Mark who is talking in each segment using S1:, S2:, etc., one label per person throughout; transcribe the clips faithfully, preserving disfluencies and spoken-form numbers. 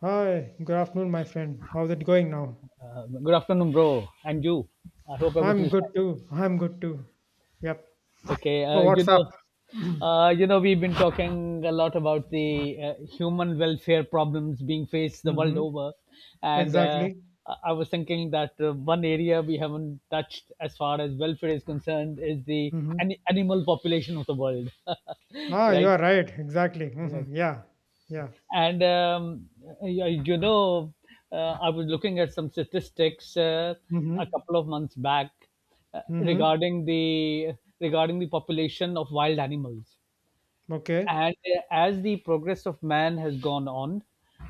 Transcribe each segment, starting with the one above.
S1: Hi, good afternoon, my friend. How's it going now?
S2: Uh, good afternoon, bro, and you. I hope everything
S1: I'm
S2: is fine.
S1: good too. I'm good too. Yep.
S2: Okay.
S1: So
S2: Uh, you
S1: what's
S2: know,
S1: up?
S2: uh, you know, we've been talking a lot about the uh, human welfare problems being faced the world
S1: Mm-hmm.
S2: over, and uh,
S1: Exactly.
S2: I I was thinking that uh, one area we haven't touched as far as welfare is concerned is the
S1: Mm-hmm.
S2: an- animal population of the world,
S1: Ah, you
S2: right?
S1: are right. Exactly.
S2: Right.
S1: Mm-hmm. Yeah. Yeah.
S2: And um, you, you know, uh, I was looking at some statistics uh, a
S1: Mm-hmm.
S2: couple of months back uh,
S1: Mm-hmm.
S2: regarding the regarding the population of wild animals,
S1: Okay.
S2: and uh, as the progress of man has gone on,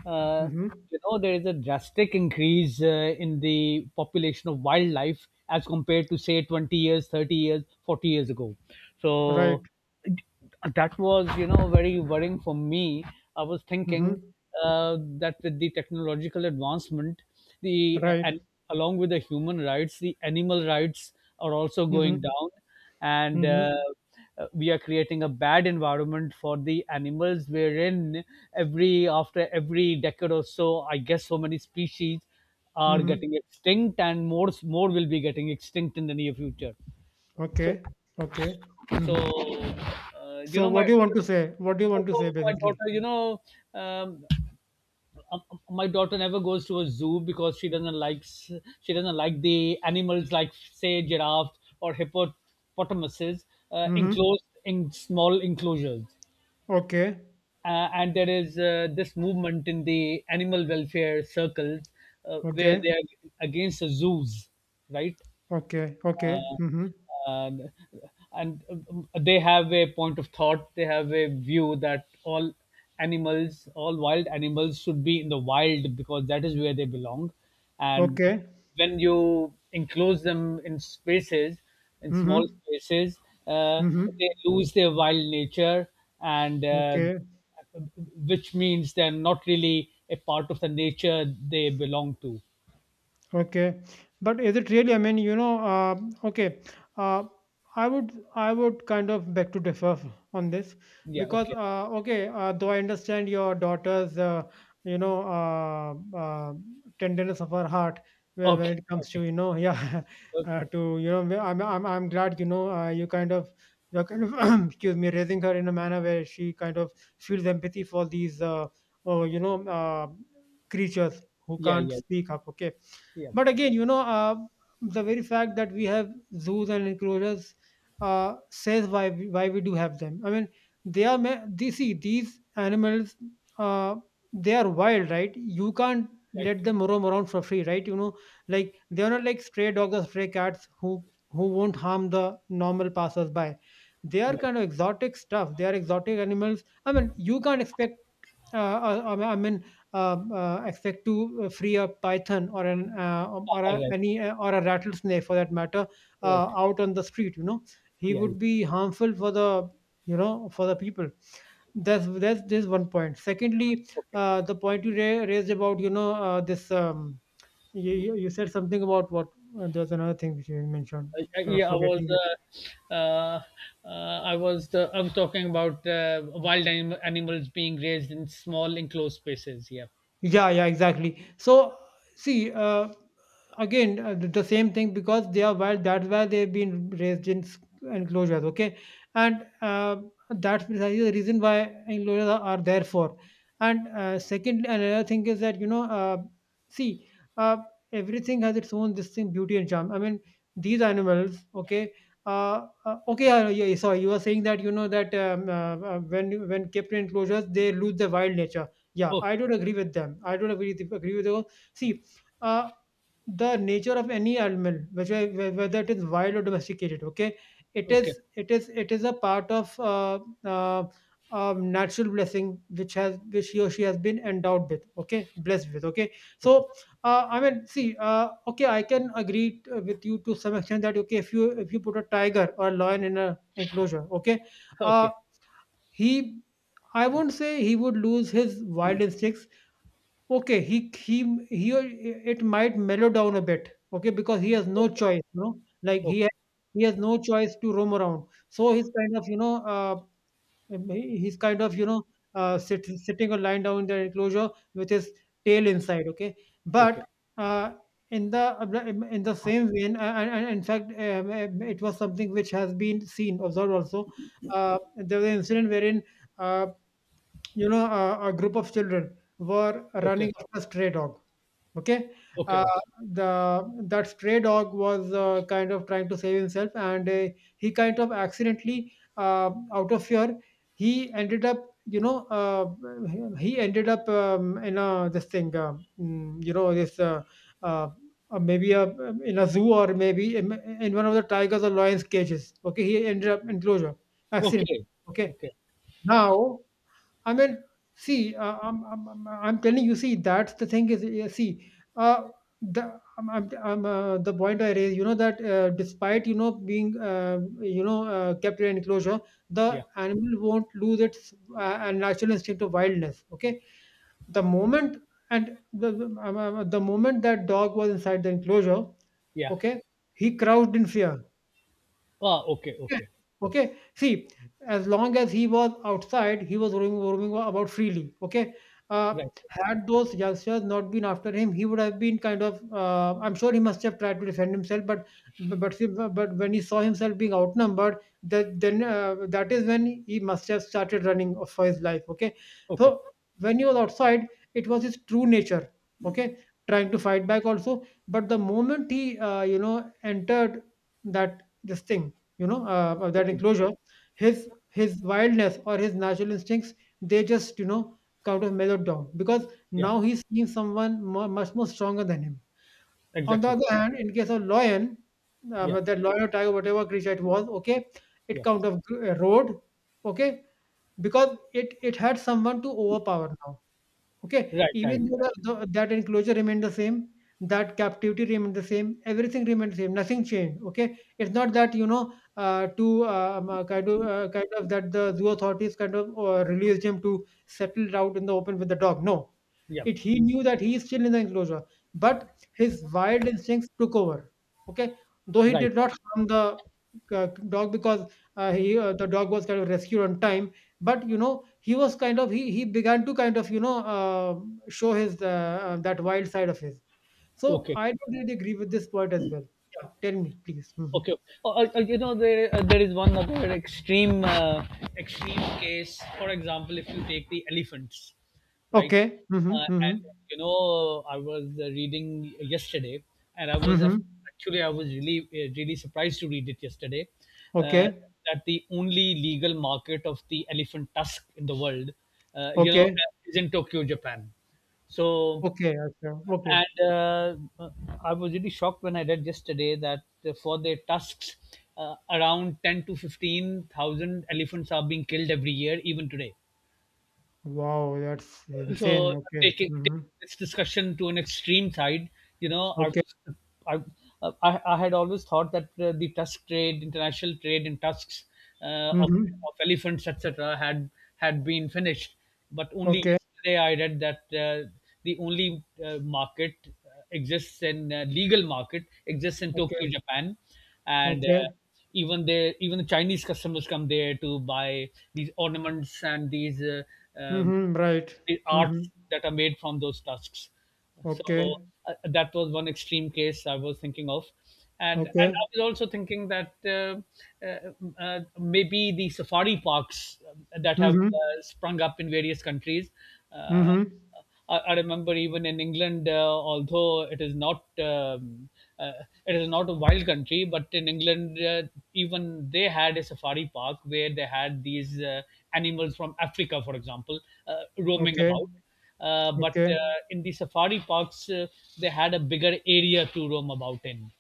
S2: uh,
S1: Mm-hmm.
S2: you know there is a drastic increase uh, in the population of wildlife as compared to say twenty years, thirty years, forty years ago.
S1: Right.
S2: So that was, you know very worrying for me. I was thinking
S1: Mm-hmm.
S2: uh, that with the technological advancement, the
S1: Right.
S2: and along with the human rights, the animal rights are also going
S1: Mm-hmm.
S2: down. And uh,
S1: Mm-hmm.
S2: uh, we are creating a bad environment for the animals, wherein every after every decade or so, I guess so many species are
S1: Mm-hmm.
S2: getting extinct, and more more will be getting extinct in the near future. so
S1: Okay. Okay. Mm-hmm.
S2: so uh, you
S1: So
S2: know
S1: what
S2: my
S1: do you want to say? What do you want to say
S2: so my
S1: basically?
S2: daughter you know um, um, my daughter never goes to a zoo because she doesn't like she doesn't like the animals, like say giraffes or hippopotamuses, uh,
S1: Mm-hmm.
S2: enclosed in small enclosures.
S1: Okay.
S2: Uh, and there is uh, this movement in the animal welfare circles, uh, where
S1: Okay.
S2: they are against the zoos, right?
S1: Okay.
S2: uh,
S1: Okay. Mm-hmm.
S2: and and um, they have a point of thought, they have a view that all animals all wild animals should be in the wild because that is where they belong. And
S1: Okay.
S2: when you enclose them in spaces, in small
S1: Mm-hmm.
S2: spaces uh,
S1: Mhm.
S2: they lose their wild nature, and uh,
S1: Okay.
S2: which means they're not really a part of the nature they belong to.
S1: Okay, but is it really? I mean, you know, uh, okay, uh, I would I would kind of beg to differ on this
S2: Yeah,
S1: because
S2: okay.
S1: uh, okay, uh, though I understand your daughter's uh, you know uh, uh, tenderness of her heart, where
S2: Okay.
S1: when it comes to
S2: Okay.
S1: you know yeah, uh,
S2: Okay.
S1: to you know where I'm I'm I'm glad, you know uh, you kind of, you're kind of excuse me, raising her in a manner where she kind of feels empathy for these, uh, oh, you know uh, creatures who
S2: Yeah.
S1: can't
S2: Yeah.
S1: speak up. Okay,
S2: Yeah.
S1: but again, you know, uh, the very fact that we have zoos and enclosures, uh, says why we, why we do have them. I mean, they are ma- they see these animals. Uh, they are wild, right? You can't
S2: Right.
S1: let them roam around for free, right? You know, like they are not like stray dogs or stray cats who who won't harm the normal passersby. They are
S2: Right.
S1: kind of exotic stuff. They are exotic animals. I mean, you can't expect, uh, uh, I, I mean, uh, uh, expect to uh, free a python or an uh, um, or a,
S2: Right.
S1: any uh, or a rattlesnake for that matter
S2: Right.
S1: uh, out on the street. You know, he
S2: Yeah. Yeah.
S1: would be harmful for the, you know for the people. That's that's this one point. Secondly,
S2: Okay.
S1: uh, the point you ra- raised about, you know uh, this, um, you, you you said something about what. uh, there's another thing which you mentioned.
S2: I, I,
S1: Kind of
S2: yeah, I was,
S1: forgetting.
S2: uh, uh, uh, I was, the, I was talking about uh, wild anim- animals being raised in small enclosed spaces. Yeah.
S1: Yeah, yeah, exactly. So, see, uh, again, uh, the the same thing because they are wild. That's why they've been raised in s- enclosures. Okay, and uh, that's precisely the reason why enclosures are, are there for. And uh, second, another thing is that, you know, uh, see, uh, everything has its own this thing, beauty and charm. I mean, these animals. Okay. Uh, uh, okay, yeah, yeah, sorry. You were saying that, you know that um, uh, uh, when when kept in enclosures, they lose their wild nature. Yeah, I
S2: Okay.
S1: don't agree with them. I don't agree with, agree with you. See, uh, the nature of any animal, which I- wh- whether it is wild or domesticated, okay, it
S2: Okay.
S1: is it is it is a part of uh, uh, um, natural blessing which has, which he or she has been endowed with, okay, blessed with, okay.
S2: Okay.
S1: So uh, I mean, see, uh, okay, I can agree t- with you to some extent that okay, if you, if you put a tiger or a lion in a enclosure, okay, uh,
S2: Okay.
S1: he, I won't say he would lose his wild instincts, okay. he he he It might mellow down a bit, okay, because he has no
S2: Okay.
S1: choice, you know, like
S2: Okay.
S1: he has, he has no choice to roam around, so he's kind of, you know, uh, he- he's kind of, you know, uh, sit, sitting or lying down in the enclosure with his tail inside, okay,
S2: Okay.
S1: but uh, in the, in the same vein, and, and in fact, um, it was something which has been seen observed also. uh, there was an incident wherein Uh, you know, a, a group of children were
S2: Okay.
S1: running after a stray dog. Okay,
S2: Okay.
S1: uh,
S2: Okay.
S1: the, that stray dog was uh, kind of trying to save himself, and uh, he kind of accidentally, uh, out of fear, he ended up, you know, uh, he ended up, um, in a this thing, uh, mm, you know, this uh, uh, uh, maybe a, in a zoo or maybe in, in one of the tigers or lions cages. Okay, he ended up enclosure accident.
S2: Okay.
S1: Okay,
S2: Okay.
S1: now I mean, see, uh, I'm, I'm, I'm I'm telling you, see, that's the thing is, uh, see, uh, the I'm, I'm, I'm, uh, the point I raised, you know, that uh, despite, you know, being, uh, you know uh, kept in an enclosure,
S2: Yeah.
S1: the animal won't lose its uh, natural instinct of wildness. Okay, the moment, and the the um, uh, the moment that dog was inside the enclosure,
S2: Yeah.
S1: okay, he crouched in fear.
S2: Ah. Okay.
S1: Okay.
S2: Okay.
S1: Okay. See, as long as he was outside, he was roaming, roaming about freely. Okay. Uh,
S2: Right.
S1: had those youngsters not been after him, he would have been kind of. Uh, I'm sure he must have tried to defend himself, but but see, but when he saw himself being outnumbered, that then uh, that is when he must have started running for his life. Okay.
S2: Okay.
S1: So when he was outside, it was his true nature. Okay, trying to fight back also, but the moment he, uh, you know, entered that this thing, you know uh, of
S2: Yeah.
S1: that
S2: Yeah.
S1: enclosure, his his wildness or his natural instincts, they just, you know, kind of mellowed down because
S2: Yeah.
S1: now he's seeing someone mu much more stronger than him. On the
S2: Exactly.
S1: other hand, in case of lion, uh,
S2: Yeah.
S1: but that lion or tiger, whatever creature it was, okay, it
S2: Yeah.
S1: kind of grew- uh, roared, okay, because it it had someone to overpower now. Okay,
S2: Right. Right.
S1: even though
S2: Right.
S1: the, the, that enclosure remained the same, that captivity remained the same, everything remained the same, nothing changed. Okay, it's not that, you know, uh, to um, uh, kind of uh, kind of that the zoo authorities kind of uh, released him to settle out in the open with the dog. No,
S2: Yeah.
S1: it, he knew that he is still in the enclosure, but his wild instincts took over. Okay, though he
S2: Right.
S1: did not harm the uh, dog because uh, he uh, the dog was kind of rescued on time, but you know he was kind of, he he began to kind of, you know, um show his uh, uh, that wild side of his. So
S2: Okay.
S1: I don't really agree with this point as well. Yeah, tell me, please. Hmm.
S2: Okay. Oh, uh, uh, you know, there uh, there is one other extreme, uh, extreme case. For example, if you take the elephants, right?
S1: Okay. Mm-hmm,
S2: Uh, and
S1: mm-hmm,
S2: you know, I was uh, reading yesterday, and I was
S1: mm-hmm.
S2: af- actually I was really uh, really surprised to read it yesterday, uh,
S1: Okay.
S2: that the only legal market of the elephant tusk in the world, uh, you know,
S1: Okay.
S2: uh, is in Tokyo, Japan. So,
S1: Okay acha. Okay.
S2: and uh, I was really shocked when I read yesterday that, uh, for their tusks, uh, around ten to fifteen thousand elephants are being killed every year, even today.
S1: Wow, that's insane.
S2: So,
S1: Okay.
S2: taking, taking
S1: Mm-hmm.
S2: this discussion to an extreme side, you know, I
S1: Okay.
S2: was, I, I, I had always thought that uh, the tusk trade, international trade in tusks, uh, of,
S1: Mm-hmm.
S2: of elephants, et cetera, had had been finished. But only
S1: Okay.
S2: yesterday I read that uh, the only uh, market uh, exists in uh, legal market exists in
S1: Okay.
S2: Tokyo, Japan, and uh,
S1: Okay.
S2: even the even the Chinese customers come there to buy these ornaments and these. Uh, um,
S1: Mm-hmm. Right.
S2: the
S1: Mm-hmm.
S2: arts that are made from those tusks. So,
S1: Okay.
S2: uh, that was one extreme case I was thinking of, and and
S1: Okay.
S2: I was also thinking that uh, uh, uh, maybe the safari parks, um, that have
S1: Mm-hmm.
S2: uh, sprung up in various countries. Uh,
S1: Mm-hmm.
S2: I, I remember even in England, uh, although it is not um, uh, it is not a wild country, but in England, uh, even they had a safari park where they had these uh, animals from Africa, for example, uh, roaming
S1: Okay.
S2: about. Uh, but
S1: Okay.
S2: uh, in the safari parks, uh, they had a bigger area to roam about in.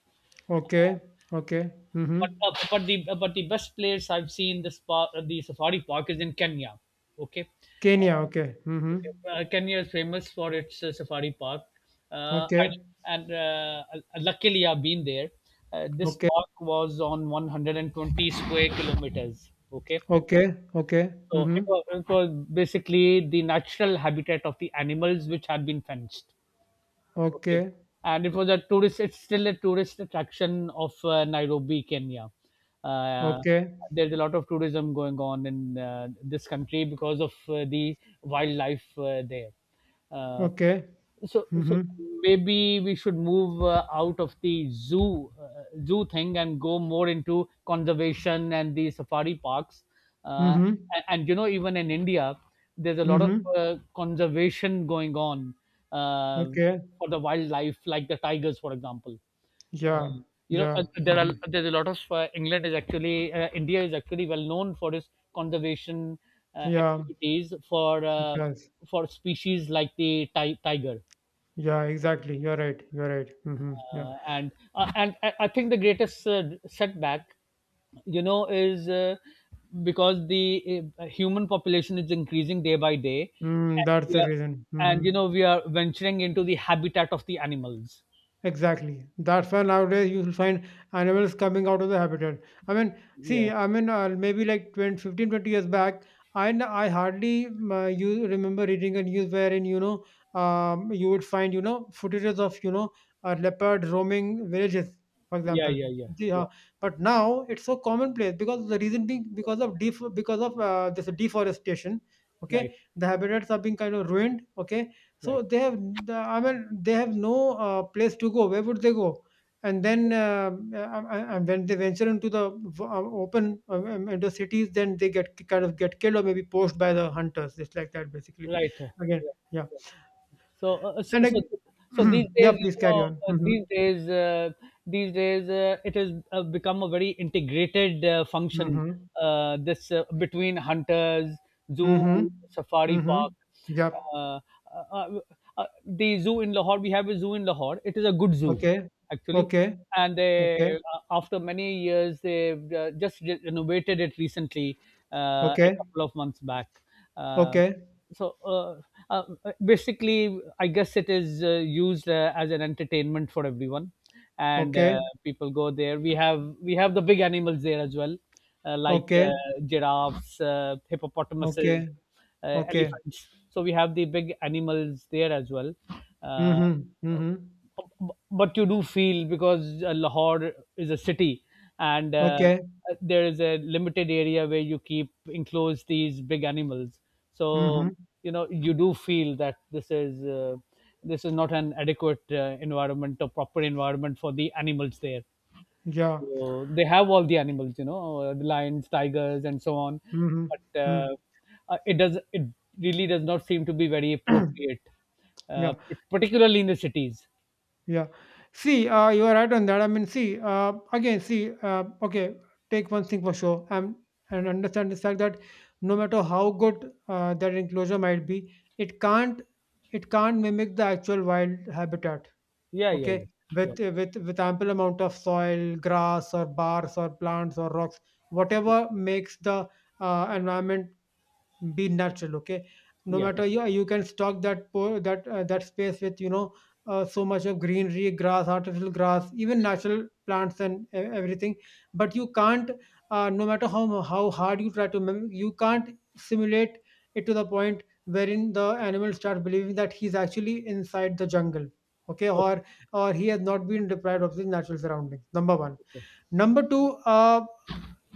S1: Okay, okay.
S2: But
S1: Mhm.
S2: uh, but the but the best place I've seen this par- the safari park is in Kenya. Okay.
S1: Kenya,
S2: Uh,
S1: okay. Mhm.
S2: Okay. Uh, Kenya is famous for its uh, safari park. Uh, I,
S1: Okay.
S2: and uh, uh, Luckily, I've been there. Uh, this
S1: Okay.
S2: park was on one hundred twenty square kilometers. Okay.
S1: Okay. Okay.
S2: So it
S1: Mhm.
S2: was, it was basically the natural habitat of the animals which had been fenced. Okay.
S1: Okay.
S2: And it was a tourist it's still a tourist attraction of, uh, Nairobi, Kenya. Uh,
S1: Okay.
S2: there's a lot of tourism going on in, uh, this country because of, uh, the wildlife, uh, there. Uh
S1: Okay.
S2: so so
S1: Mhm.
S2: maybe we should move uh, out of the zoo uh, zoo thing and go more into conservation and the safari parks. Uh,
S1: Mhm.
S2: and, and you know, even in India, there's a lot of
S1: Mhm.
S2: uh, conservation going on, uh,
S1: Okay.
S2: for the wildlife, like the tigers, for example.
S1: Yeah.
S2: Um, you know, uh,
S1: Yeah.
S2: there are
S1: Mhm.
S2: there's a lot of uh, England is actually uh, India is actually well known for its conservation uh,
S1: Yeah.
S2: activities for
S1: It
S2: uh,
S1: does.
S2: for species like the ti- tiger.
S1: Yeah, exactly. You're right. You're right. Mhm. Yeah.
S2: Uh, and uh, and I I think the greatest uh, setback, you know, is uh, because the uh, human population is increasing day by day,
S1: Mm,
S2: and,
S1: that's
S2: we
S1: the
S2: are,
S1: reason.
S2: and
S1: Mhm.
S2: you know we are venturing into the habitat of the animals.
S1: Exactly. That's why nowadays you will find animals coming out of the habitat. I mean, see,
S2: Yeah,
S1: I mean, uh, maybe like twenty, fifteen, twenty years back, I, n- I hardly um, uh, you remember reading a news wherein, you know, um, you would find, you know, footages of, you know, a leopard roaming villages, for
S2: yeah,
S1: example.
S2: yeah, yeah,
S1: Yeah.
S2: yeah,
S1: But now it's so commonplace, because the reason being,
S2: yeah.
S1: because of def- because of uh, this deforestation. Okay.
S2: Right,
S1: The habitats are being kind of ruined. Okay,
S2: right,
S1: so they have, the, I mean, they have no uh, place to go. Where would they go? And then, uh, uh, uh, and when they venture into the v- uh, open, uh, um, into cities, then they get kind of get killed or maybe poached by the hunters, just like that, basically.
S2: right. Yeah.
S1: Again, yeah.
S2: So, uh, uh, so,
S1: And
S2: so,
S1: like,
S2: so these
S1: yeah,
S2: days,
S1: please
S2: you
S1: carry
S2: know,
S1: on.
S2: uh,
S1: Hmm.
S2: these days, uh, these days, uh, it has uh, become a very integrated uh, function.
S1: Hmm.
S2: Uh, this, uh, between hunters, zoo,
S1: Hmm.
S2: safari park.
S1: Hmm. Yep.
S2: Uh, uh, uh, uh, the zoo in Lahore, we have a zoo in Lahore. It is a good zoo,
S1: Okay.
S2: actually.
S1: Okay.
S2: And they,
S1: Okay.
S2: uh, after many years, they uh, just re- renovated it recently, uh, a
S1: Okay.
S2: couple of months back. Uh,
S1: Okay.
S2: so uh, uh, basically, I guess it is uh, used uh, as an entertainment for everyone, and uh,
S1: Okay.
S2: people go there. We have we have the big animals there as well, uh, like
S1: Okay.
S2: uh, giraffes, uh, hippopotamuses,
S1: Okay.
S2: uh,
S1: Okay.
S2: elephants. So we have the big animals there as well. Uh,
S1: Mm-hmm. Mm-hmm.
S2: B- but you do feel, because uh, Lahore is a city and uh,
S1: Okay.
S2: there is a limited area where you keep enclose these big animals.
S1: Mm-hmm.
S2: So you know you do feel that this is uh, this is not an adequate uh, environment, or proper environment for the animals there.
S1: Yeah.
S2: So they have all the animals, you know, uh, the lions, tigers, and so on,
S1: Mhm.
S2: but uh,
S1: Mm.
S2: uh, it does it really does not seem to be very appropriate, uh,
S1: Yeah,
S2: particularly in the cities.
S1: yeah. See, uh, you are right on that. I mean, see, uh, again, see, uh, okay, take one thing for sure, um, and understand the fact that no matter how good uh, that enclosure might be, it can't, it can't mimic the actual wild habitat.
S2: Yeah, yeah, yeah,
S1: Okay,
S2: yeah,
S1: with with with ample amount of soil, grass, or bars, or plants, or rocks, whatever makes the uh, environment be natural, okay? No
S2: yeah, yeah.
S1: matter, yeah, you can stock that po- that uh, that space with, you know, uh, so much of greenery, grass, artificial grass, even natural plants and e- everything. But you can't, uh, no matter how mu- how hard you try to, mim- you can't simulate it to the point wherein the animal start believing that he's actually inside the jungle, okay,
S2: Okay,
S1: or or he has not been deprived of his natural surroundings. Number one.
S2: okay,
S1: Number two, uh,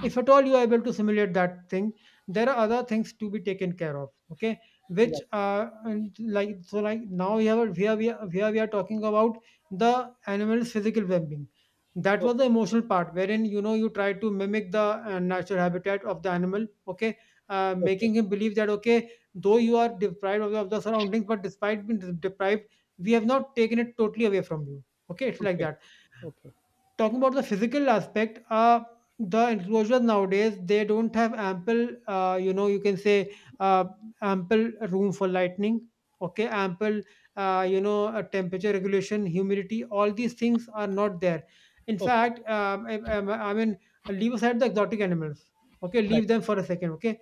S1: if at all you are able to simulate that thing, there are other things to be taken care of. Okay,
S2: yeah,
S1: which uh, and like so like now we have, here we are, here we are talking about the animal's physical well-being. That was
S2: okay,
S1: the emotional part, wherein you know you try to mimic the uh, natural habitat of the animal. Okay, uh,
S2: okay,
S1: making him believe that okay, though you are deprived of the, of the surroundings, but despite being deprived, we have not taken it totally away from you. Okay, it's like
S2: okay,
S1: that.
S2: okay,
S1: Talking about the physical aspect, uh the enclosures nowadays, they don't have ample uh, you know, you can say uh, ample room for lightning, okay, ample uh, you know, uh, temperature regulation, humidity, all these things are not there. In
S2: okay.
S1: fact, um, I, I, I mean leave aside the exotic animals, okay,
S2: Right,
S1: leave them for a second, okay.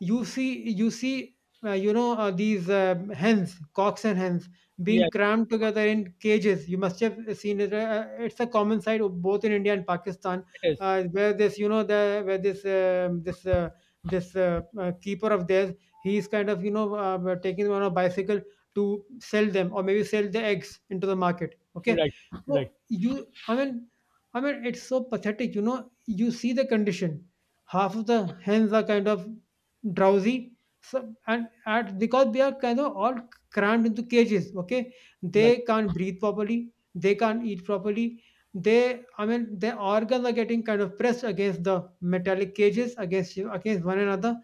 S1: You see you see uh, you know, uh, these um hens, cocks and hens being
S2: yeah,
S1: crammed together in cages, you must have seen it. Uh, uh, it's a common sight of both in India and Pakistan,
S2: it is.
S1: uh, where this, you know, the where this um this uh, this uh, uh, keeper of theirs, he's kind of, you know, uh, uh, taking them on a bicycle to sell them, or maybe sell the eggs into the market, okay.
S2: Right, right,
S1: So you I mean I mean it's so pathetic, you know, you see the condition. Half of the hens are kind of drowsy. So, and at because they are kind of all crammed into cages. Okay,
S2: right,
S1: they can't breathe properly. They can't eat properly. They, I mean, their organs are getting kind of pressed against the metallic cages, against against one another.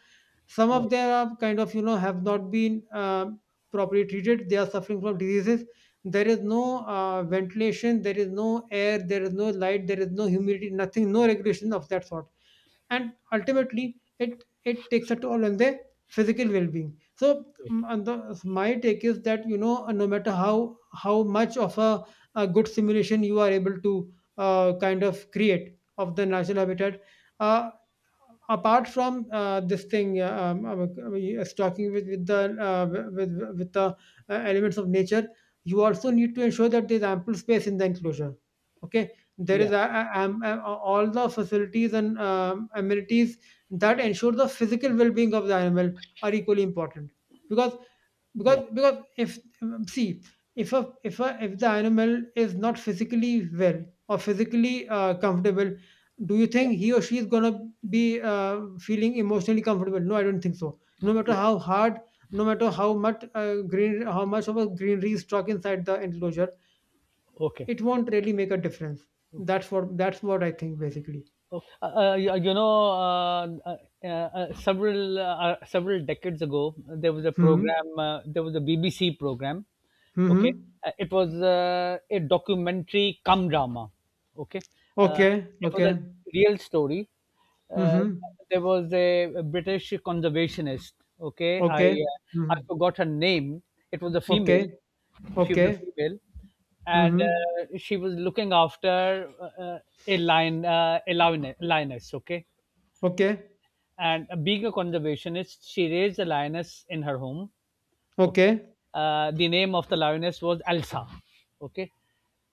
S1: Some of
S2: right,
S1: them are kind of, you know, have not been um properly treated. They are suffering from diseases. There is no uh, ventilation. There is no air. There is no light. There is no humidity. Nothing. No regulation of that sort, and ultimately it it takes a toll on their physical well-being. So, mm,
S2: right.
S1: and the, my take is that, you know, uh, no matter how how much of a, a good simulation you are able to uh, kind of create of the natural habitat, uh, apart from uh, this thing, uh, um, um, uh, stocking with with the uh, with with with the uh, elements of nature, you also need to ensure that there's ample space in the enclosure. Okay, there is
S2: Yeah,
S1: a, a- am- a- all the facilities and um, amenities that ensure the physical well-being of the animal are equally important. Because
S2: yeah,
S1: because because if um, see, if a if a if the animal is not physically well or physically uh, comfortable, do you
S2: yeah,
S1: think he or she is gonna be uh, feeling emotionally comfortable? No, I don't think so. No matter
S2: yeah.
S1: how hard, no matter how much, uh, green how much of a greenery is stuck inside the enclosure,
S2: Okay,
S1: it won't really make a difference.
S2: okay.
S1: That's what that's what I think basically.
S2: Oh, uh, uh, y- you know, uh, uh, uh, several uh, uh, several decades ago, there was a
S1: Mhm.
S2: program. Uh, there was a B B C program. Okay.
S1: Mhm.
S2: Uh, it was uh, a documentary cum drama. Okay. uh,
S1: Okay.
S2: it was a
S1: Okay.
S2: real story. uh,
S1: Mhm.
S2: there was a, a British conservationist. Okay, I
S1: Okay.
S2: uh, I
S1: Mhm.
S2: forgot her name. It was a female.
S1: Okay.
S2: She was a
S1: Okay.
S2: female, and
S1: Mhm.
S2: uh, she was looking after uh, uh, a lion, uh, a lion- lioness. Okay.
S1: Okay,
S2: And being a conservationist, she raised a lioness in her home. Okay.
S1: okay.
S2: Uh, the name of the lioness was Elsa. Okay.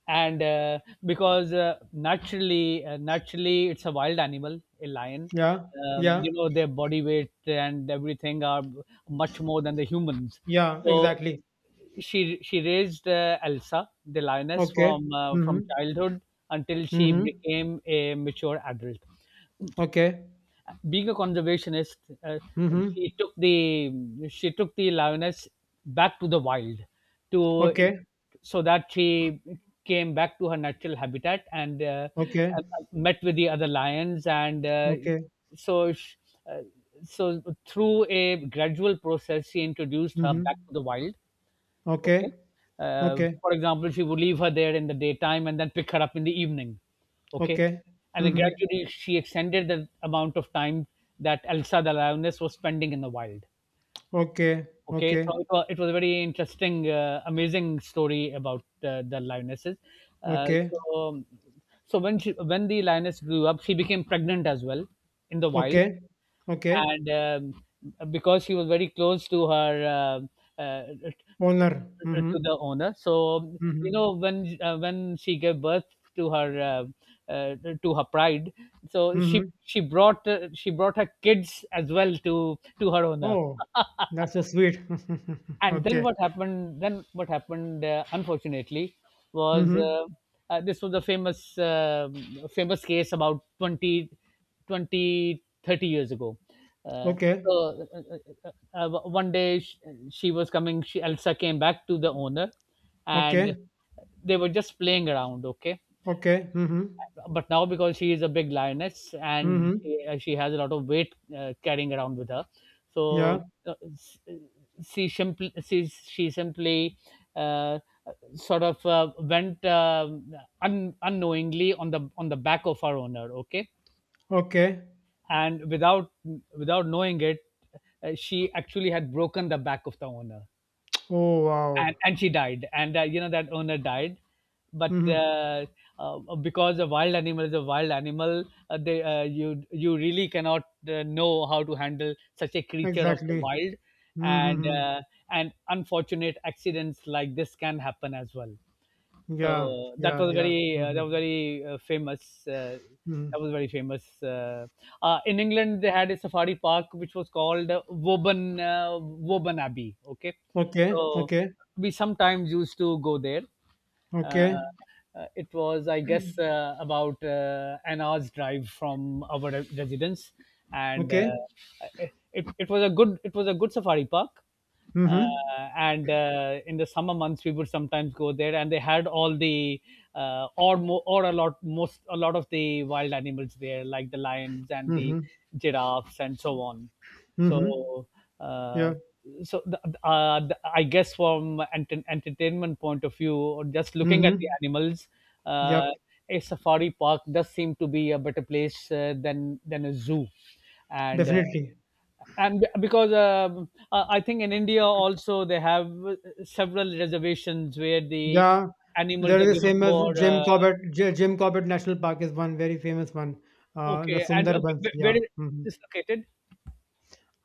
S2: And uh, because uh, naturally, uh, naturally, it's a wild animal, a lion.
S1: Yeah,
S2: Um,
S1: yeah,
S2: you know, their body weight and everything are much more than the humans.
S1: yeah,
S2: So
S1: exactly.
S2: she she raised uh, Elsa, the lioness,
S1: Okay.
S2: from uh, from
S1: Mm-hmm.
S2: childhood until she
S1: Mm-hmm.
S2: became a mature adult.
S1: Okay.
S2: Being a conservationist, uh, she
S1: Mm-hmm.
S2: took the she took the lioness back to the wild, to
S1: Okay.
S2: so that she came back to her natural habitat and uh,
S1: Okay.
S2: uh, met with the other lions, and uh,
S1: Okay.
S2: so sh uh, so through a gradual process she introduced her
S1: Mm-hmm.
S2: back to the wild. Okay.
S1: Okay.
S2: Uh,
S1: Okay.
S2: for example, she would leave her there in the daytime and then pick her up in the evening. Okay.
S1: Okay.
S2: And then
S1: Mm-hmm.
S2: gradually she extended the amount of time that Elsa, the lioness, was spending in the wild.
S1: Okay.
S2: Okay.
S1: Okay.
S2: So it was, it was a very interesting, uh, amazing story about uh, the lionesses. Uh,
S1: Okay.
S2: so, um, so when she, when the lioness grew up, she became pregnant as well in the wild,
S1: Okay. Okay.
S2: and um, because she was very close to her um uh,
S1: Owner. Mm-hmm.
S2: to the owner, so
S1: Mm-hmm.
S2: you know, when uh, when she gave birth to her uh, uh, to her pride, so she
S1: Mm-hmm.
S2: she brought uh, she brought her kids as well to to her owner.
S1: Oh, that's so sweet.
S2: And then
S1: Okay.
S2: what happened, then what happened uh, unfortunately, was
S1: Mm-hmm.
S2: uh, uh, this was a famous uh, famous case about twenty, twenty thirty years ago. Uh,
S1: Okay.
S2: so uh, uh, uh, uh, one day she, she was coming, she Elsa came back to the owner, and
S1: Okay.
S2: they were just playing around, okay.
S1: Okay. Mm-hmm.
S2: But now, because she is a big lioness and
S1: Mm-hmm.
S2: she, uh, she has a lot of weight uh, carrying around with her, so
S1: Yeah.
S2: uh, s- she simply, she, she simply uh, sort of uh, went um un, unknowingly on the on the back of her owner, okay.
S1: Okay.
S2: And without without knowing it, uh, she actually had broken the back of the owner,
S1: Oh, wow.
S2: and and she died. And uh, you know, that owner died. But
S1: Mhm.
S2: uh, uh, Because a wild animal is a wild animal, uh, they, uh, you you really cannot uh, know how to handle such a creature of the
S1: Exactly.
S2: wild, and
S1: Mhm.
S2: uh, and unfortunate accidents like this can happen as well.
S1: Yeah.
S2: So that
S1: Yeah.
S2: was
S1: Yeah.
S2: very uh, that
S1: Mhm.
S2: was very uh, famous. Uh, that
S1: Mhm.
S2: was very famous. Uh, uh, in England, they had a safari park which was called uh, Woburn uh, Woburn Abbey. Okay,
S1: Okay.
S2: so
S1: Okay.
S2: we sometimes used to go there. Uh,
S1: Okay.
S2: uh, it was, I guess, uh, about uh, an hour's drive from our re- residence, and
S1: Okay.
S2: uh, it, it it was a good, it was a good safari park. Uh,
S1: Mhm.
S2: and uh, in the summer months, we would sometimes go there, and they had all the uh, or mo- or a lot most a lot of the wild animals there, like the lions and the
S1: Mhm.
S2: giraffes and so on.
S1: Mhm.
S2: So, uh,
S1: Yeah.
S2: so the, uh, the, I guess, from ent- entertainment point of view, or just looking at the
S1: Mhm.
S2: animals, uh,
S1: Yep.
S2: a safari park does seem to be a better place uh, than than a zoo. And. Uh,
S1: Definitely.
S2: and be- because um, uh, I think in India also they have uh, several reservations where the
S1: Yeah.
S2: animals
S1: There
S2: are
S1: is the
S2: given
S1: same as
S2: more.
S1: Jim
S2: Uh,
S1: Corbett. J- Jim Corbett National Park is one very famous one. Uh, the
S2: okay, and uh,
S1: Sundarbans.
S2: wh- wh- where
S1: Yeah.
S2: is
S1: Hmm.
S2: this located?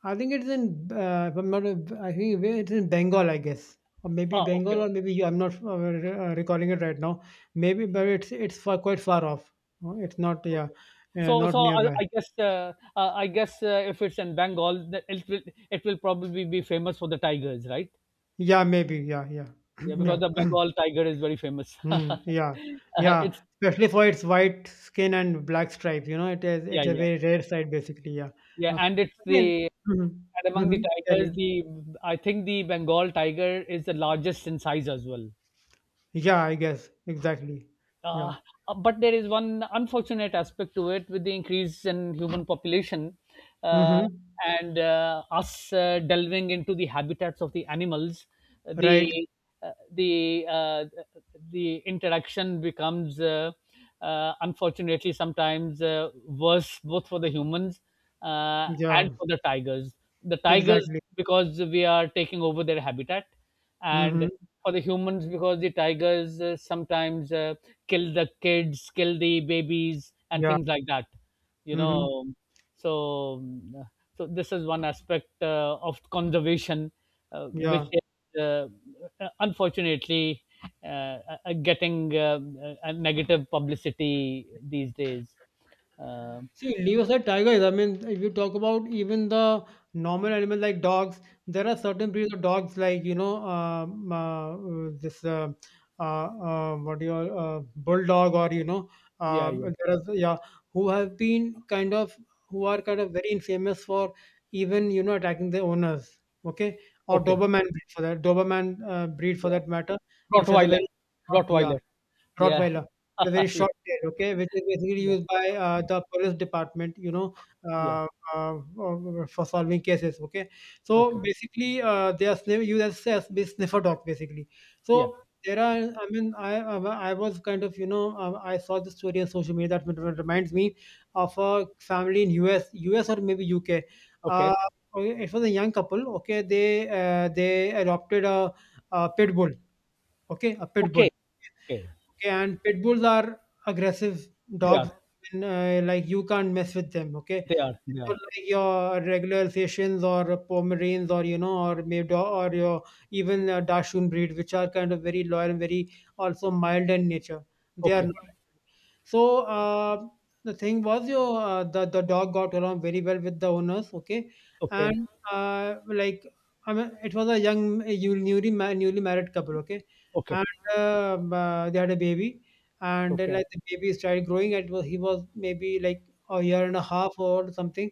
S1: I think it's in, uh, if I'm not, I think it's in Bengal, I guess, or maybe
S2: Ah, okay,
S1: Bengal, or
S2: okay.
S1: maybe I'm not uh, re- uh, recalling it right now. Maybe, but it's it's far, quite far off. Uh, It's not, yeah,
S2: Okay.
S1: uh,
S2: So,
S1: not
S2: so I,
S1: nearby.
S2: I guess, uh, uh, I guess, uh, if it's in Bengal, th- it will, it will probably be famous for the tigers, right?
S1: Yeah, maybe, yeah, yeah,
S2: Yeah, because
S1: yeah,
S2: the Bengal tiger is very famous.
S1: hmm,
S2: uh,
S1: yeah, yeah.
S2: it's
S1: Especially for its white skin and black stripes, you know, it is
S2: Yeah,
S1: it's a
S2: yeah,
S1: very rare sight, basically. Yeah.
S2: yeah,
S1: Uh,
S2: and it's
S1: Again,
S2: the, and
S1: mm-hmm,
S2: among the
S1: mm-hmm, carry
S2: tigers,
S1: on.
S2: the I think the Bengal tiger is the largest in size as well.
S1: Yeah, I guess exactly. Yeah.
S2: uh, uh, but there is one unfortunate aspect to it, with the increase in human population uh,
S1: Mm-hmm.
S2: and uh, us uh, delving into the habitats of the animals, uh,
S1: Right.
S2: the uh, the uh, the interaction becomes, uh, uh, unfortunately, sometimes uh, worse, both for the humans uh, and
S1: Yeah.
S2: for the tigers the tigers,
S1: Exactly.
S2: because we are taking over their habitat, and
S1: Mhm.
S2: for the humans because the tigers uh, sometimes uh, kill the kids, kill the babies and
S1: Yeah.
S2: things like that, you
S1: Mhm.
S2: know. So um, so this is one aspect uh, of conservation uh,
S1: Yeah.
S2: which is, uh, unfortunately, uh, uh, getting uh, a negative publicity these days. um,
S1: See, leave aside tigers. I mean, if you talk about even the normal animal like dogs, there are certain breeds of dogs like, you know, um, uh, uh, this uh, uh, uh, what do you call, uh, bulldog, or you know,
S2: yeah,
S1: um,
S2: yeah.
S1: there are, yeah, who have been kind of, who are kind of very infamous for even, you know, attacking their owners. Okay, or
S2: Okay.
S1: Doberman breed, for that Doberman uh, breed for
S2: Yeah.
S1: that matter, which has a
S2: Rottweiler.
S1: very short, yeah,
S2: Rottweiler. Yeah.
S1: Rottweiler, a very
S2: Yeah.
S1: short tail, okay, which is basically
S2: Yeah.
S1: used by uh, the police department, you know,
S2: Yeah.
S1: uh, uh, uh, for solving cases, okay. So
S2: Okay.
S1: basically, uh, they are sniff- used as, as the sniffer dog, basically.
S2: Yeah.
S1: So there are, I mean, I I I was kind of, you know, uh, I saw the story on social media that rem- reminds me of a family in U S, U S or maybe U K. Uh,
S2: Okay.
S1: okay, it was a young couple, okay. They uh, they adopted a, a pit bull, okay, a pit bull.
S2: Okay. Okay.
S1: Okay, and pit bulls are aggressive
S2: They
S1: dogs,
S2: are.
S1: and uh, like you can't mess with them. Okay,
S2: They are. They are.
S1: not like your regular Sessions or Pomeranians, or you know, or maybe, or your even uh, Dachshund breed, which are kind of very loyal and very also mild in nature. They are
S2: Okay.
S1: not. So uh, the thing was, your uh, the the dog got along very well with the owners. Okay,
S2: Okay.
S1: and uh, like I mean, it was a young, a newly ma- newly married couple. Okay,
S2: Okay.
S1: uh, uh, they had a baby, and then
S2: Okay.
S1: like the baby started growing. It was he was maybe like a year and a half or something.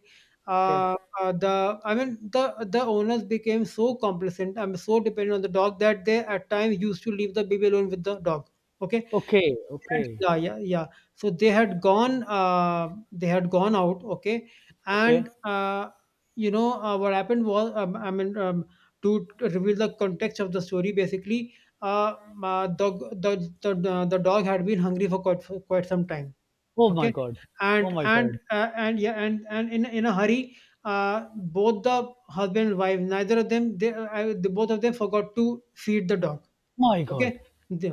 S2: Okay.
S1: Uh, uh, the I mean the the owners became so complacent. I'm so dependent on the dog that they at times used to leave the baby alone with the dog. Okay,
S2: Okay. Okay.
S1: yeah, yeah, yeah. So they had gone, uh, they had gone out, okay,
S2: Okay.
S1: and uh, you know, uh, what happened was, um, I mean, um, to to reveal the context of the story, basically, uh, uh, the, the the the dog had been hungry for quite for quite some time,
S2: Oh my
S1: okay,
S2: god. Oh
S1: and
S2: my
S1: and
S2: god.
S1: uh, and yeah, and and in in a hurry, uh, both the husband and wife, neither of them, they, uh, I, the both of them forgot to feed the dog,
S2: My god.
S1: okay, they,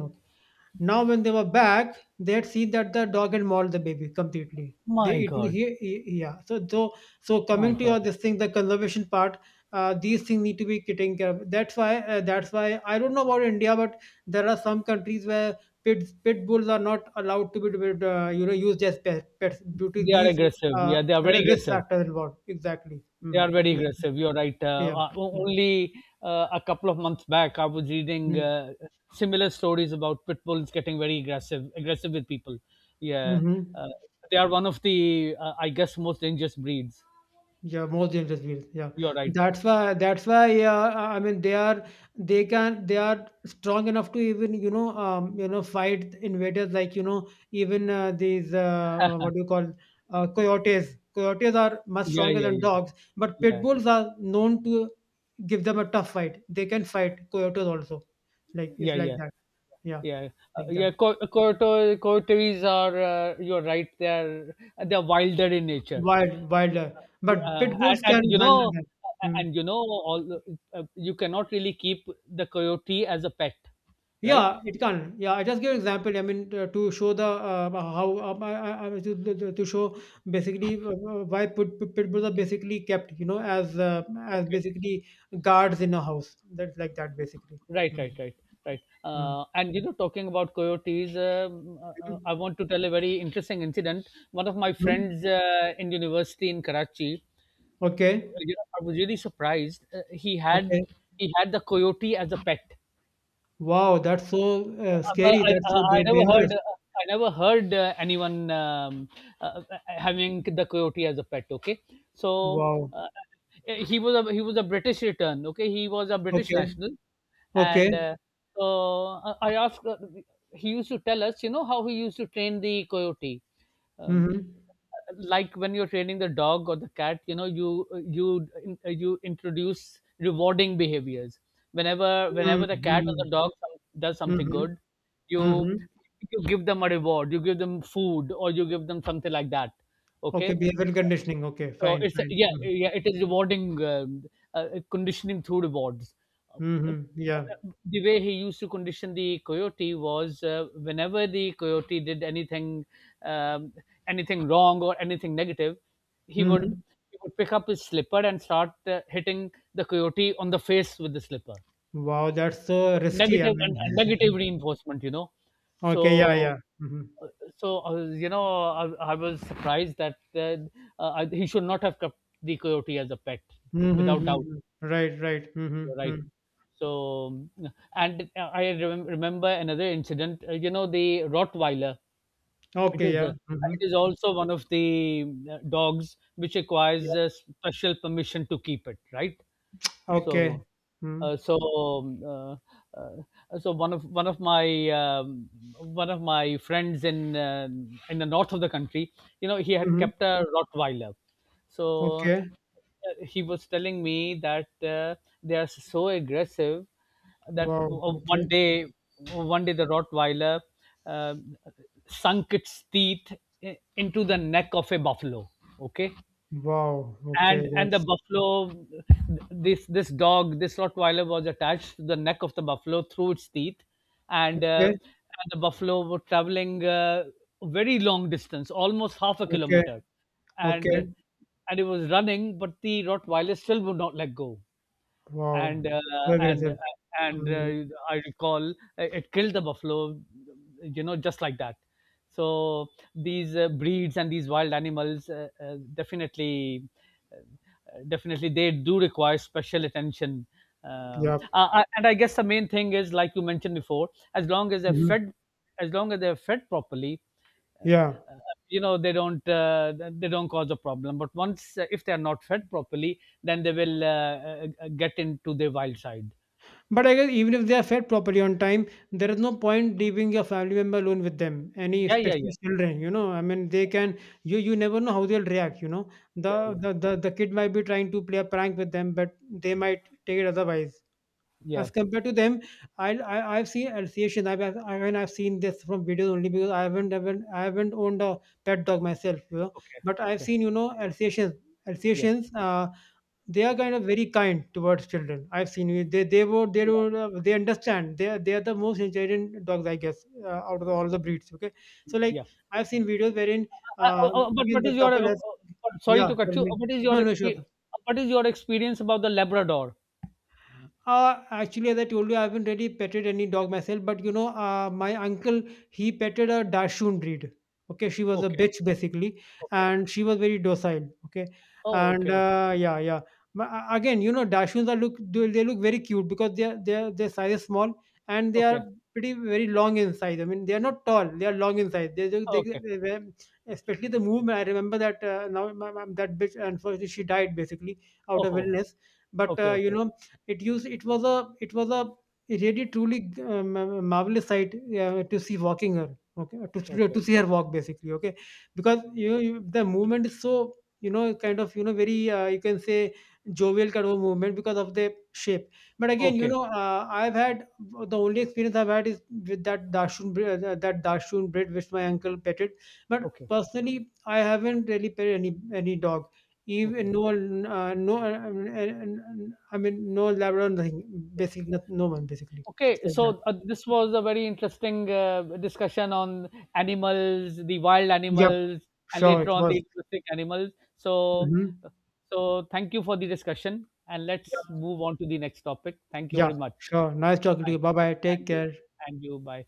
S1: now, when they were back, they had seen that the dog had mauled the baby completely. They
S2: My
S1: eaten
S2: god.
S1: here, yeah. So, so, so
S2: My
S1: coming to
S2: god.
S1: your this thing, the conservation part, uh, these things need to be taken care of. That's why, uh, that's why I don't know about India, but there are some countries where pit pit bulls are not allowed to be, uh, you know, used as pet, pets due to
S2: They are
S1: these
S2: aggressive.
S1: uh,
S2: Yeah, they are
S1: ri-
S2: very
S1: risk
S2: aggressive.
S1: factors involved. Exactly.
S2: They
S1: Hmm.
S2: are very
S1: Yes.
S2: aggressive. You're right. Uh,
S1: Yeah.
S2: uh, o-
S1: Yeah.
S2: only uh, a couple of months back, I was reading
S1: Hmm.
S2: uh, similar stories about pit bulls getting very aggressive, aggressive with people. Yeah,
S1: Mm-hmm.
S2: uh, they are one of the, uh, I guess, most dangerous breeds.
S1: Yeah, most dangerous wheels. Yeah,
S2: You're right.
S1: that's why. That's why. Uh, I mean, they are. They can. They are strong enough to even, you know, um, you know, fight invaders like, you know. Even uh, these. Uh, what do you call? Uh, coyotes. Coyotes are much
S2: Yeah,
S1: stronger
S2: yeah,
S1: than
S2: yeah,
S1: dogs, but pit
S2: yeah,
S1: bulls are known to give them a tough fight. They can fight coyotes also. Like it's
S2: yeah,
S1: like
S2: yeah,
S1: that. Yeah,
S2: yeah. Uh,
S1: like that.
S2: yeah, Cor- Corto- Cortois are. Uh, you're right. They are. They are wilder in nature.
S1: Wild, wilder. But
S2: Yeah,
S1: pit
S2: and
S1: bulls
S2: and
S1: can
S2: you
S1: handle
S2: know
S1: that. Hmm.
S2: and you know all the, uh, you cannot really keep the coyote as a pet, right?
S1: Yeah, it can. Yeah, I just give an example. I mean, uh, to show the uh, how uh, I, I, I- to, to to show basically uh, uh, why pit, pit, pit bulls are basically kept, you know, as uh, as
S2: Okay.
S1: basically guards in a house. That's like that basically.
S2: Right,
S1: Mm-hmm.
S2: right, right, right.
S1: Hmm.
S2: Uh, and you know, talking about coyotes, um, uh, uh, I want to tell a very interesting incident. One of my friends uh, in university in Karachi, uh,
S1: Okay.
S2: you know, I was really surprised. Uh, he had
S1: Okay.
S2: he had the coyote as a pet.
S1: Wow, that's so uh,
S2: Uh, but
S1: scary.
S2: I,
S1: That's
S2: I
S1: so
S2: I
S1: da-
S2: never
S1: dangerous.
S2: heard, uh, I never heard, uh, anyone um, uh, having the coyote as a pet. Okay, so
S1: Wow.
S2: uh, uh, he was a, he was a British return. Okay, he was a British
S1: Okay.
S2: national, and
S1: Okay.
S2: uh, so uh, I asked. uh, He used to tell us, you know, how he used to train the coyote. Um,
S1: Mm-hmm.
S2: like when you're training the dog or the cat, you know, you you you introduce rewarding behaviors whenever, whenever the cat or
S1: Mm-hmm.
S2: the dog some, does something
S1: Mm-hmm.
S2: good, you
S1: Mm-hmm.
S2: you give them a reward, you give them food or you give them something like that,
S1: Okay.
S2: okay.
S1: Behavioral conditioning. Okay.
S2: So
S1: Fine.
S2: it's,
S1: Fine.
S2: yeah,
S1: Mm-hmm.
S2: yeah, it is rewarding, um, uh, conditioning through rewards. Uh,
S1: Mm-hmm.
S2: but,
S1: Yeah.
S2: uh, the way he used to condition the coyote was, uh, whenever the coyote did anything, um, anything wrong or anything negative, he would
S1: Mhm.
S2: he would pick up his slipper and start uh, hitting the coyote on the face with the slipper.
S1: Wow, that's so
S2: So
S1: risky, I
S2: negative and, and negative
S1: mean.
S2: reinforcement, you know.
S1: Okay, yeah,
S2: So,
S1: yeah. Mhm.
S2: so uh, you know, I, I was surprised that, uh, uh, he should not have kept the coyote as a pet,
S1: Mhm,
S2: without
S1: mhm,
S2: doubt,
S1: mhm. Right, right.
S2: you're
S1: Mhm,
S2: right.
S1: mhm.
S2: So, and I remem- remember another incident. Uh, you know, the Rottweiler, it
S1: Okay,
S2: is a,
S1: yeah.
S2: it
S1: Mhm.
S2: is also one of the uh, dogs which
S1: Yeah.
S2: requires a special permission to keep it, right?
S1: Okay.
S2: So,
S1: Mhm.
S2: uh, so um, uh, uh, so one of, one of my, um, one of my friends in uh, in the north of the country, you know, he had
S1: Mhm.
S2: kept a Rottweiler. So uh,
S1: Okay.
S2: he was telling me that uh, they are so aggressive that
S1: Wow,
S2: w- uh, one
S1: okay.
S2: day one day the Rottweiler uh, sunk its teeth i- into the neck of a buffalo. Okay,
S1: Wow, okay,
S2: and and the
S1: that's
S2: buffalo, this this dog, this Rottweiler, was attached to the neck of the buffalo through its teeth. and, uh,
S1: okay,
S2: and the buffalo were traveling uh, a very long distance, almost half a
S1: okay,
S2: kilometer, and
S1: okay.
S2: and it was running, but the Rottweiler still would not let go.
S1: Wow,
S2: and uh,
S1: it's so
S2: and uh,
S1: aggressive.
S2: and
S1: Mhm.
S2: uh, I recall, uh, it killed the buffalo, you know, just like that. So these uh, breeds and these wild animals, uh, uh, definitely, uh, definitely, they do require special attention. Um,
S1: Yeah.
S2: uh, uh, and I guess the main thing is, like you mentioned before, as long as they're
S1: Mhm.
S2: fed, as long as they're fed properly,
S1: Yeah.
S2: uh, you know, they don't, uh, they don't cause a problem. But once, uh, if they are not fed properly, then they will, uh, uh, uh, get into their wild side.
S1: But I guess even if they are fed properly on time, there is no point leaving your family member alone with them. Any
S2: Yeah, yeah,
S1: especially
S2: yeah,
S1: children, you know. I mean, they can, you you never know how they'll react. You know,
S2: yeah,
S1: the
S2: yeah,
S1: the the, the kid might be trying to play a prank with them, but they might take it otherwise.
S2: yeah.
S1: As compared to them, I, I I've seen association. I've I've- I mean, I've seen this from videos only because I haven't haven't I haven't owned a pet dog myself. You know,
S2: Okay,
S1: but I've
S2: okay,
S1: seen, you know, associations
S2: yeah,
S1: associations. Uh, they are kind of very kind towards children, I've seen it. They they would they
S2: yeah,
S1: would uh, they understand they are they are the most intelligent dogs, I guess, uh, out of the, all the breeds, okay. So like
S2: yeah.
S1: I've seen videos wherein
S2: Uh, uh,
S1: uh,
S2: uh, but
S1: again
S2: what
S1: the
S2: is your uh,
S1: couple has,
S2: uh, but sorry
S1: yeah
S2: to cut
S1: tell
S2: you,
S1: me,
S2: uh, what is your
S1: no no, sure.
S2: expe- uh, what is your experience about the Labrador?
S1: Uh, actually, as I told you, I haven't really petted any dog myself, but you know, uh, my uncle, he petted a Dachshund breed. Okay, she was a
S2: Okay,
S1: bitch basically,
S2: okay.
S1: and she was very docile. Okay,
S2: Oh,
S1: and
S2: okay, okay,
S1: uh, yeah, yeah. Ma- uh, Again, you know, Dachshunds are look they they look very cute because they are they are, their size is small and they are
S2: okay,
S1: pretty very long in size. I mean, they are not tall; they are long in size. They, they, they,
S2: okay.
S1: they were- especially the movement. I remember that uh, now my, my, that bitch unfortunately she died basically out
S2: Oh,
S1: of
S2: oh,
S1: illness, but
S2: okay,
S1: uh, you
S2: okay,
S1: know, it used it was a it was a really truly uh, marvelous sight uh, to see walking her. Okay, to see-
S2: okay,
S1: to see her walk basically. Okay, because you know you, the movement is so, you know, kind of, you know, very uh, you can say jovial kind of movement because of the shape. But again, you
S2: okay,
S1: know, uh, I've had the only experience I've had is with that dashun bre- uh, that dashun bread which my uncle petted. But
S2: okay,
S1: personally, I haven't really petted any any dog, even
S2: okay.
S1: no uh, no uh, I mean, no Labrador, nothing basically, not no one basically, it's
S2: Okay,
S1: like that.
S2: so uh, this was a very interesting uh, discussion on animals, the wild
S1: Yep,
S2: animals, and
S1: sure
S2: later
S1: it
S2: on
S1: was.
S2: the domestic animals. So,
S1: Hmm,
S2: so thank you for the discussion, and let's move on to the next topic. Thank you
S1: yeah,
S2: very much.
S1: sure, nice talking to
S2: Bye.
S1: you, bye bye, take
S2: And you,
S1: care.
S2: and you, bye.